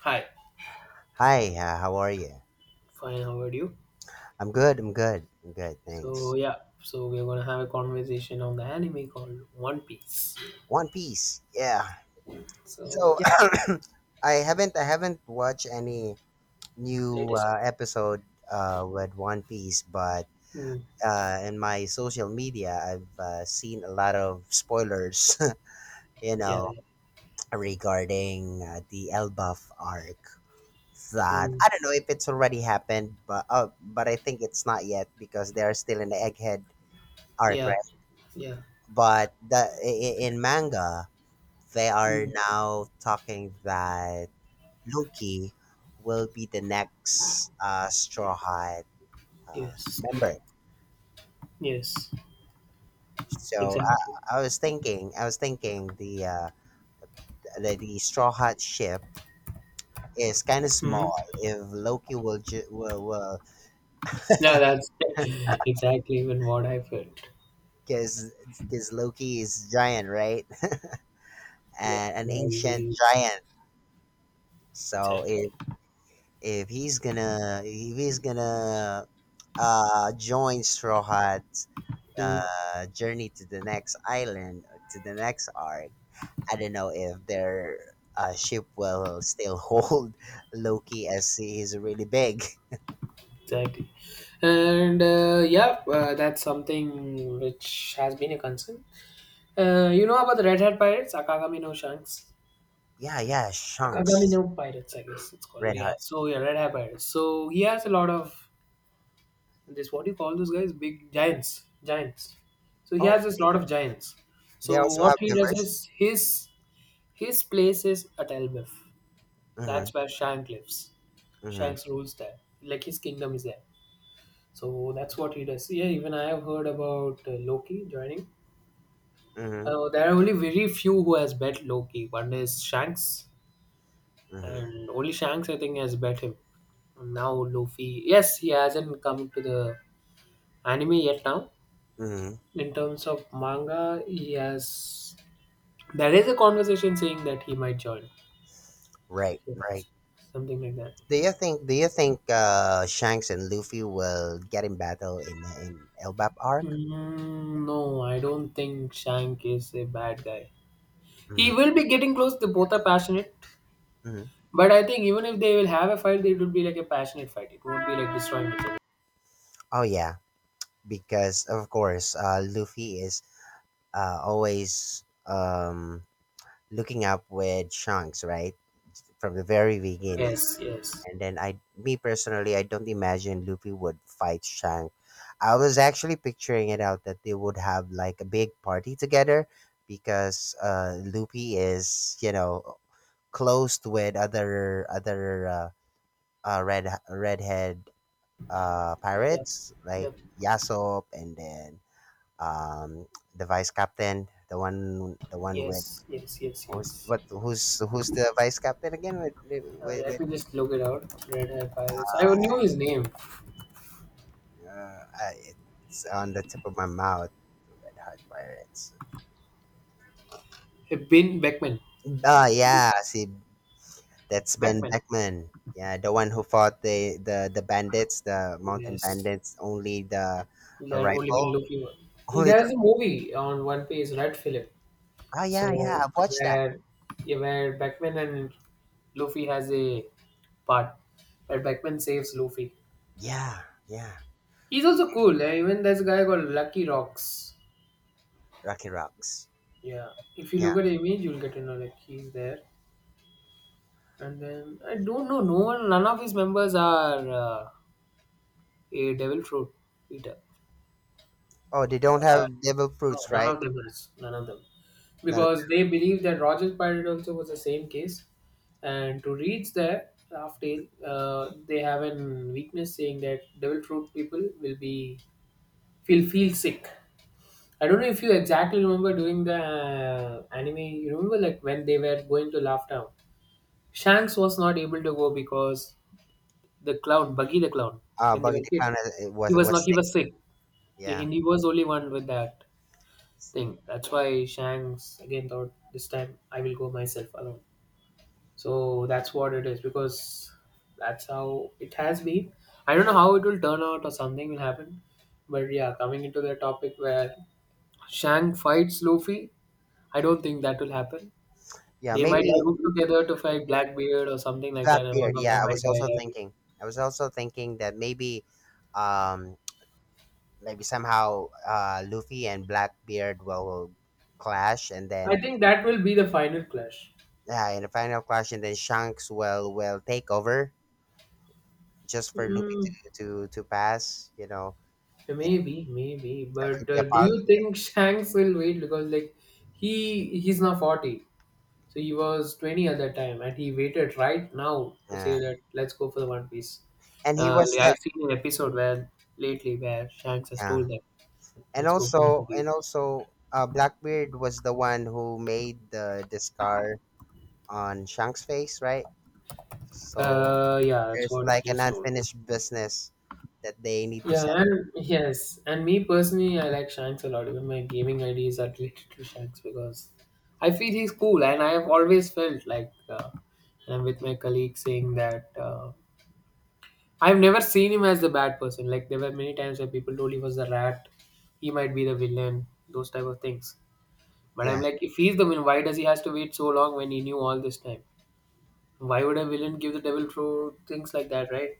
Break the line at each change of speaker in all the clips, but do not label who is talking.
Hi,
Hi, how are you?
fine. How are you?
I'm good, I'm good, I'm good,
So
thanks.
yeah, so we're gonna have a conversation on the anime called One Piece.
One Piece, yeah.
So
So,
yeah,
I haven't watched any new
latest episode.
episode with One Piece, but
Mm,
in my social media, I've seen a lot of spoilers, you
yeah,
know,
yeah,
regarding the Elbaf arc. That
mm,
I don't know if it's already happened, but I think it's not yet because they are still in the Egghead arc.
yeah, yeah.
But in manga, they are
Mm,
now talking that Loki will be the next Straw Hat
yes,
member.
yes,
So I,
exactly.
I was thinking, the Straw Hat ship is kind of
Mm.
small. If Loki will ju- will
No, that's exactly even what I felt.
because because Loki is giant, right?
Yeah,
And an
yeah, he's a
ancient giant. So
exactly.
if he's gonna join Straw Hat's
Mm,
journey to the next island, to the next arc. I don't know if their ship will still hold Loki as he is really big.
exactly. And yeah, that's something which has been a concern. You know about the Red Hat Pirates, Akagami no Shanks?
Yeah, yeah,
Akagami no
Shanks,
Pirates, I guess it's called.
Red
Yeah.
Heart.
So yeah, Red Hat Pirates. So he has a lot of this. What do you call those guys? Big giants, giants. So he
Oh,
has this lot of giants.
they
So
also
what
have
he does
members.
is his place is at Elbif.
Mm-hmm,
That's where Shank lives.
mm-hmm,
Shank's rules there. Like his kingdom is there. So that's what he does. Yeah, even I have heard about Loki joining.
mm-hmm,
There are only very few who has bet Loki. One is Shanks,
mm-hmm,
and only Shanks I think has bet him. Now Luffy, yes, he hasn't come to the anime yet. Now,
mm-hmm.
in terms of manga, he has. There is a conversation saying that he might join.
Right, right.
Yes, something like that.
Do you think Shanks and Luffy will get in battle in Elbap arc?
Mm, no, I don't think Shank is a bad guy. He
Mhm,
will be getting close. They both are passionate,
mhm.
but I think even if they will have a fight, it will be like a passionate fight. It won't be like destroying each other.
Oh yeah, because of course, Luffy is always looking up with Shanks, right, from the very beginning.
Yes, yes,
And then me personally, I don't imagine Luffy would fight Shanks. I was actually picturing it out that they would have like a big party together, because Luffy is, closed with other redhead
yep,
pirates like
yep,
Yasop and then um, the vice captain, the one with
yes, yes, yes,
who's
yes.
what who's who's the vice captain again
Let
with
me just look it out. Red Hair Pirates. I knew
uh,
his name.
uh, it's on the tip of my mouth. Red Hot Pirates.
Ben Beckman.
Ah, yeah, see that's Ben
Beckman.
Beckman. Yeah, the one who fought the bandits, the mountain
Yes.
bandits. Only the a
That only been
rifle.
looking.
Only
There
the.
is a movie on One Piece, Red Philip.
Oh yeah, yeah.
So
I've watched that.
where yeah, where Beckman and Luffy has a part where Beckman saves Luffy.
Yeah, yeah.
He's also cool, eh? Even there's a guy called Lucky Rocks.
Rocky Rocks.
Yeah. If you
Yeah.
look at the image, you'll get to know like he's there. And then I don't know. No one. None of his members are. A devil fruit eater.
Oh, they don't
Uh,
have devil
no,
fruits,
none
right?
of them has. None of them.
Then
Because they believe that Roger Pirate also was the same case. And to reach there, after they have an weakness saying that devil fruit people will be feel sick. I don't know if you exactly remember during the anime. You remember like when they were going to Laugh Town, Shanks was not able to go because the clown, Buggy the clown, when they
Buggy
were
the
kid,
Clown
he
was
was
was
not he
sick.
was sick. Yeah,
Yeah,
he was only one with that thing. That's why Shanks again thought this time I will go myself alone. So that's what it is because that's how it has been. I don't know how it will turn out or something will happen. But yeah, coming into the topic where Shang fights Luffy, I don't think that will happen.
yeah.
They
Maybe
might group together to fight Blackbeard or something like that, and one
Blackbeard.
of them
Yeah, I
might
was also
die.
thinking. That um, maybe somehow Luffy and Blackbeard will clash, and
I
then
think that will be the final clash.
yeah, in the final clash, and then Shanks will take over just for Luffy
Mm,
to pass. You know,
maybe, maybe.
that
But
could be a
do
po-,
you think Shanks will wait because like he's now 40, so he was 20 at that time, and he waited right now to say
yeah.
that let's go for the One Piece.
And he was
Like,
the,
I've seen an episode where lately where Shanks has told
yeah.
that
and
let's go for the One
also
Piece.
and also Blackbeard was the one who made the scar on Shank's face, right? So
Yeah, that's
there's
what
like an
he's told.
unfinished business that they need to
Yeah,
set.
and yes, and me personally, I like Shanks a lot. Even my gaming IDs are related to Shanks because I feel he's cool, and I have always felt like and I'm with my colleague saying that I've never seen him as the bad person. Like there were many times where people told he was the rat, he might be the villain, those type of things. But I'm
Yeah,
like, if he's the villain, why does he has to wait so long when he knew all this time? Why would a villain give the devil through things like that, right?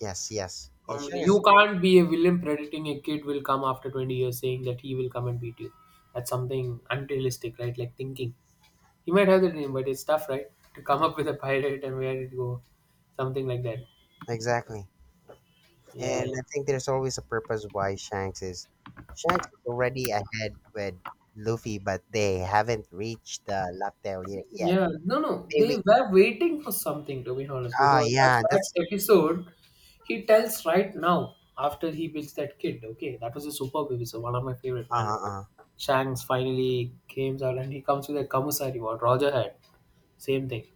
yes, yes. And
Complicated.
Shanks is-
You can't be a villain predicting a kid will come after 20 years saying that he will come and beat you. That's something unrealistic, right? Like thinking. He might have the dream, but it's tough, right? To come up with a pirate and where it go. Something like that.
exactly.
Yeah,
And
yeah.
I think there's always a purpose why Shanks is already ahead with Luffy, but they haven't reached the lapel, yet.
Yeah, no, no. They
Maybe.
were waiting for something, to be honest,
Ah,
because at
yeah, that's
that episode, he tells right now, after he builds that kid, okay, that was a superb episode, one of my favorite, when
uh uh
Shanks finally comes out and he comes with a commissary, what Roger had. Same thing.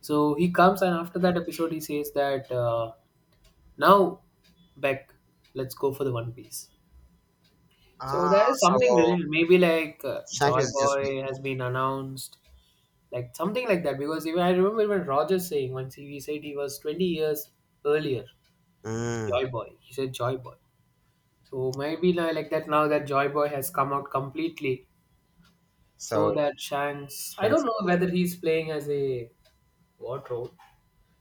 So he comes and after that episode he says that now Beck, let's go for the One Piece. So there is
so
something related, maybe like
Shanks
Joy
is just wait.
Boy has been announced, like something like that. Because even I remember even Roger saying once he said he was 20 years earlier,
Mm.
Joy Boy. He said Joy Boy. So maybe like that now that Joy Boy has come out completely, so
So
that Shanks, I don't know
translate,
whether he's playing as a what role.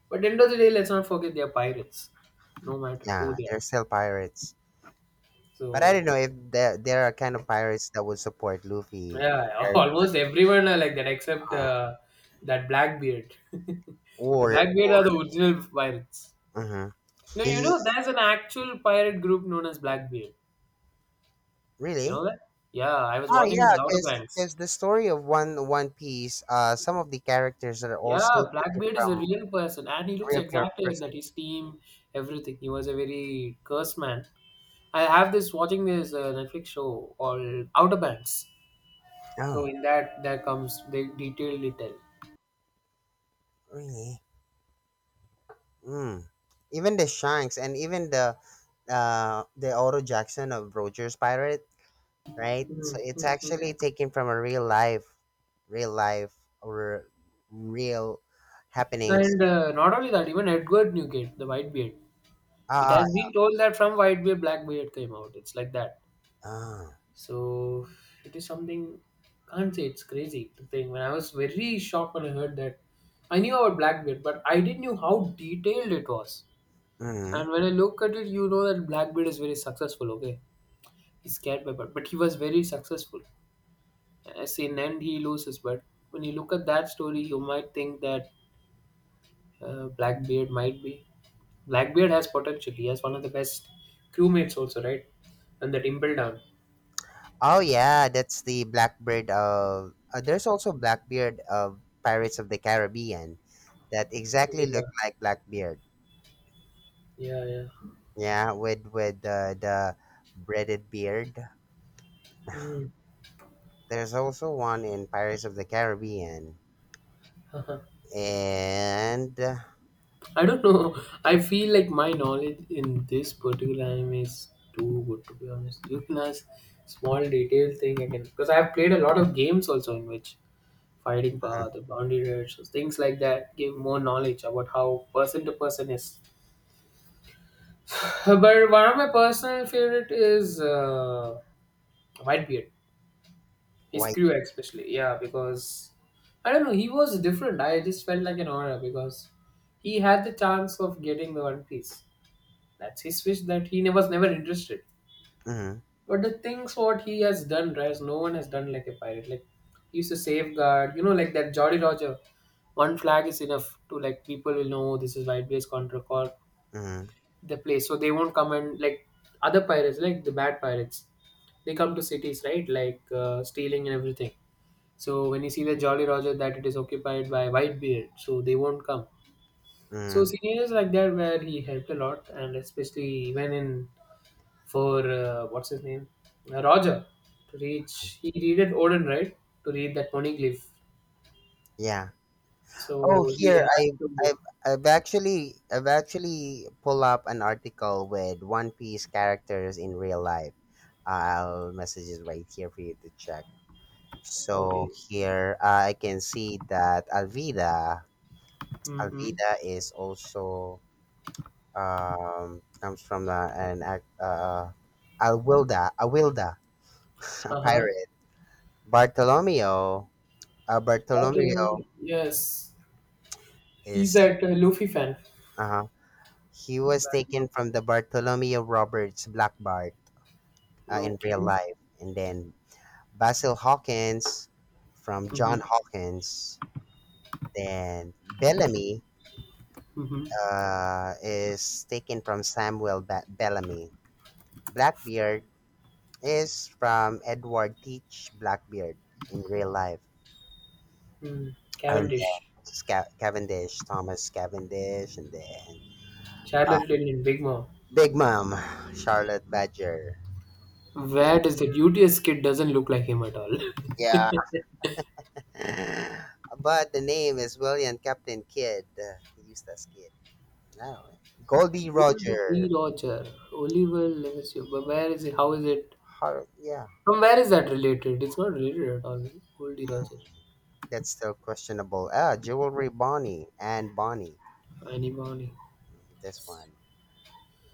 But end of the day, let's not forget they are pirates, no matter
yeah,
who they
they're
are.
still pirates. But I
So
don't know if there are kind of pirates that would support Luffy,
yeah,
or
almost everyone are like that except
uh,
that Blackbeard. And
or,
Blackbeard
or
are the original pirates.
uh
No,
he
you know there's an actual pirate group known as Blackbeard. You
really.
know that? Yeah, I was
Oh
watching this
yeah,
Outer Banks.
because the story of One Piece, some of the characters are
Yeah,
also taken
Blackbeard is a
from a
real person, and he looks
real
exactly like
person.
that. His team, everything. He was a very cursed man. I have this watching this Netflix show called Outer Banks. So
Oh,
in that, there comes the detailed detail.
really? Mm. Even the Shanks and even the Otto Jackson of Roger's Pirate, right? So
Mhm,
it's
mhm.
actually taken from a real life or real happenings.
And not only that, even Edward Newgate, the Whitebeard, it
Ah,
has been told that from Whitebeard, Blackbeard came out. It's like that.
ah,
So it is something, can't say it's crazy to think. When I was very shocked when I heard that, I knew about Blackbeard, but I didn't know how detailed it was.
mhm.
And when I look at it, you know that Blackbeard is very successful, okay? He's scared by but he was very successful. Yes, in end he loses, but when you look at that story, you might think that Blackbeard might be. Blackbeard has potential. He has one of the best crewmates also, right? And that Impel Down.
Oh yeah, that's the Blackbird of. There's also Blackbeard of Pirates of the Caribbean that exactly
Yeah,
look like Blackbeard.
yeah, yeah.
Yeah, with the breaded beard.
Hmm.
There's also one in Pirates of the Caribbean and
I don't know. I feel like my knowledge in this particular anime is too good to be honest. You can ask small detail thing again because I have played a lot of games also in which fighting power, the boundary rush, things like that give more knowledge about how person to person is. But one of my personal favorite is Whitebeard. His
white.
crew, especially. Yeah, because I don't know, he was different. I just felt like an aura because he had the chance of getting the One Piece. That's his wish that was never interested.
Mm-hmm,
But the things what he has done, right? No one has done like a pirate. Like he used to safeguard, you know, like that Jolly Roger. One flag is enough to like people will know this is Whitebeard's contra call
mm-hmm,
the place so they won't come and like other pirates like the bad pirates they come to cities, right, like stealing and everything. So when you see the Jolly Roger that it is occupied by Whitebeard, so they won't come. So
mm-hmm.
scenarios like that where he helped a lot, and especially even in for what's his name, Roger, to reach, he needed Odin, right, to read that monoglyph,
Yeah. Oh,
so he
here
had to.
I've, I've actually pull up an article with One Piece characters in real life. I'll message it right here for you to check. So
Okay.
here, I can see that Alvida
Mm-hmm.
Alvida is also comes from an act Alwilda Awilda a
Uh-huh.
pirate. Bartolomeo
But,
Bartolomeo
yes, he's
is
that Luffy fan.
uh He was taken
Blacknell.
from the Bartholomew Roberts Black Bart, in real
Okay.
life. And then Basil Hawkins from John
Mhm.
Hawkins. Then Bellamy
Mhm.
is taken from Samuel Bellamy. Blackbeard is from Edward Teach Blackbeard in real life.
Hmm.
And
Cavendish.
then Cavendish, Thomas Cavendish. And then uh,
Charlotte Lillian, Big Mom.
Big Mom, Charlotte Badger.
Where does the duteous kid doesn't look like him at all?
Yeah, but the name is William Captain Kidd, Eustace Kidd. No, Goldie
Old D.
Roger.
Roger. Oliver Lemessurier. But where is it? How is it?
Yeah,
From where is that related? It's not related at all. Old D.
mm,
Roger.
that's still questionable. Ah, Jewelry Bonnie and Bonnie.
Annie Bonny.
Mm, this one,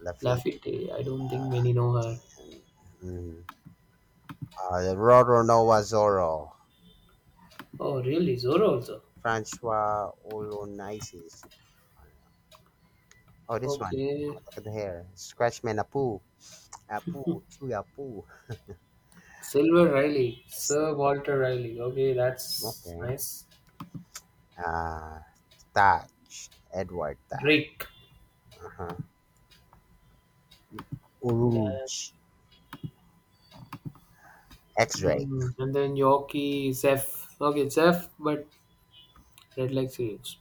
Lafitte.
Lafitte. I don't think many know her.
Mm, mm. Roro Noah Zorro,
Oh, really? Zora also.
Francois Olonaisis. Oh, this one.
Okay.
Look at the hair. Scratchman Apu. Apu. Chuy Apu.
Silver Riley.
So,
Sir Walter Riley. Okay, that's
okay.
nice.
Uh, Thatch, Edward Thatch,
Drake.
uh-huh.
Then
Uruj, X-Ray.
mm, and then Yorkie, Zeph. Okay, Zeph, but Red Leg series.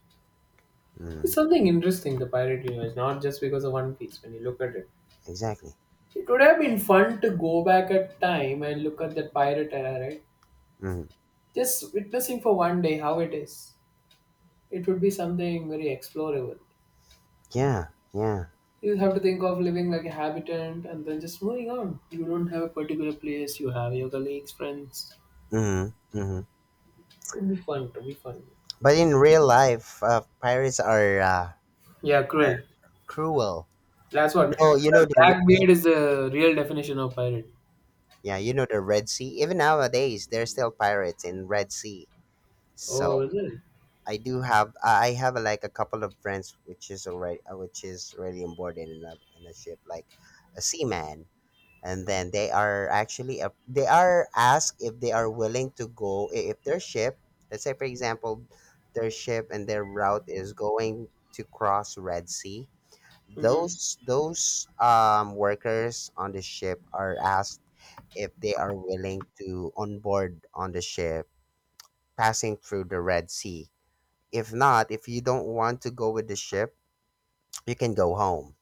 It's
Mm,
something interesting, the Pirate Universe, not just because of One Piece when you look at it.
exactly.
It would have been fun to go back at time and look at that pirate era, right?
Mm,
Just witnessing for one day how it is. It would be something very explorable.
yeah, yeah.
You have to think of living like a habitant and then just moving on. You don't have a particular place, you have your colleagues, friends.
Mm, hmm.
It would be fun, it would be fun.
But in real life, pirates are
Yeah, cruel.
cruel.
That's
You
what.
know, you know the Red-
Blackbeard is the real definition of pirate.
yeah, you know the Red Sea. Even nowadays, there's still pirates in Red Sea.
Oh,
So
is it?
I have like a couple of friends which is already on board in a ship like a seaman, and then they are asked if they are willing to go, if their ship, let's say for example, their ship and their route is going to cross Red Sea,
Mm-hmm.
those workers on the ship are asked if they are willing to onboard on the ship passing through the Red Sea. If not, if you don't want to go with the ship, you can go home,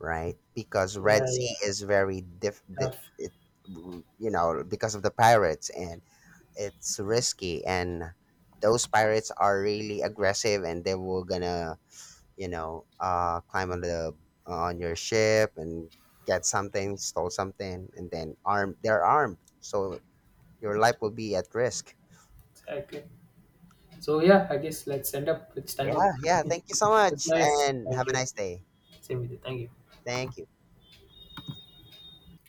right? Because Red
Yeah, yeah.
Sea is very
Tough.
it, because of the pirates, and it's risky, and those pirates are really aggressive, and they were gonna, climb on the on your ship and get something, stole something, and then armed. They're armed, so your life will be at risk.
Exactly. So yeah, I guess let's end up. It's time
Yeah,
up.
yeah.
It
Thank you so
was
much,
nice.
and
Thank
have a
you.
nice day.
Same with you. Thank you.
Thank you.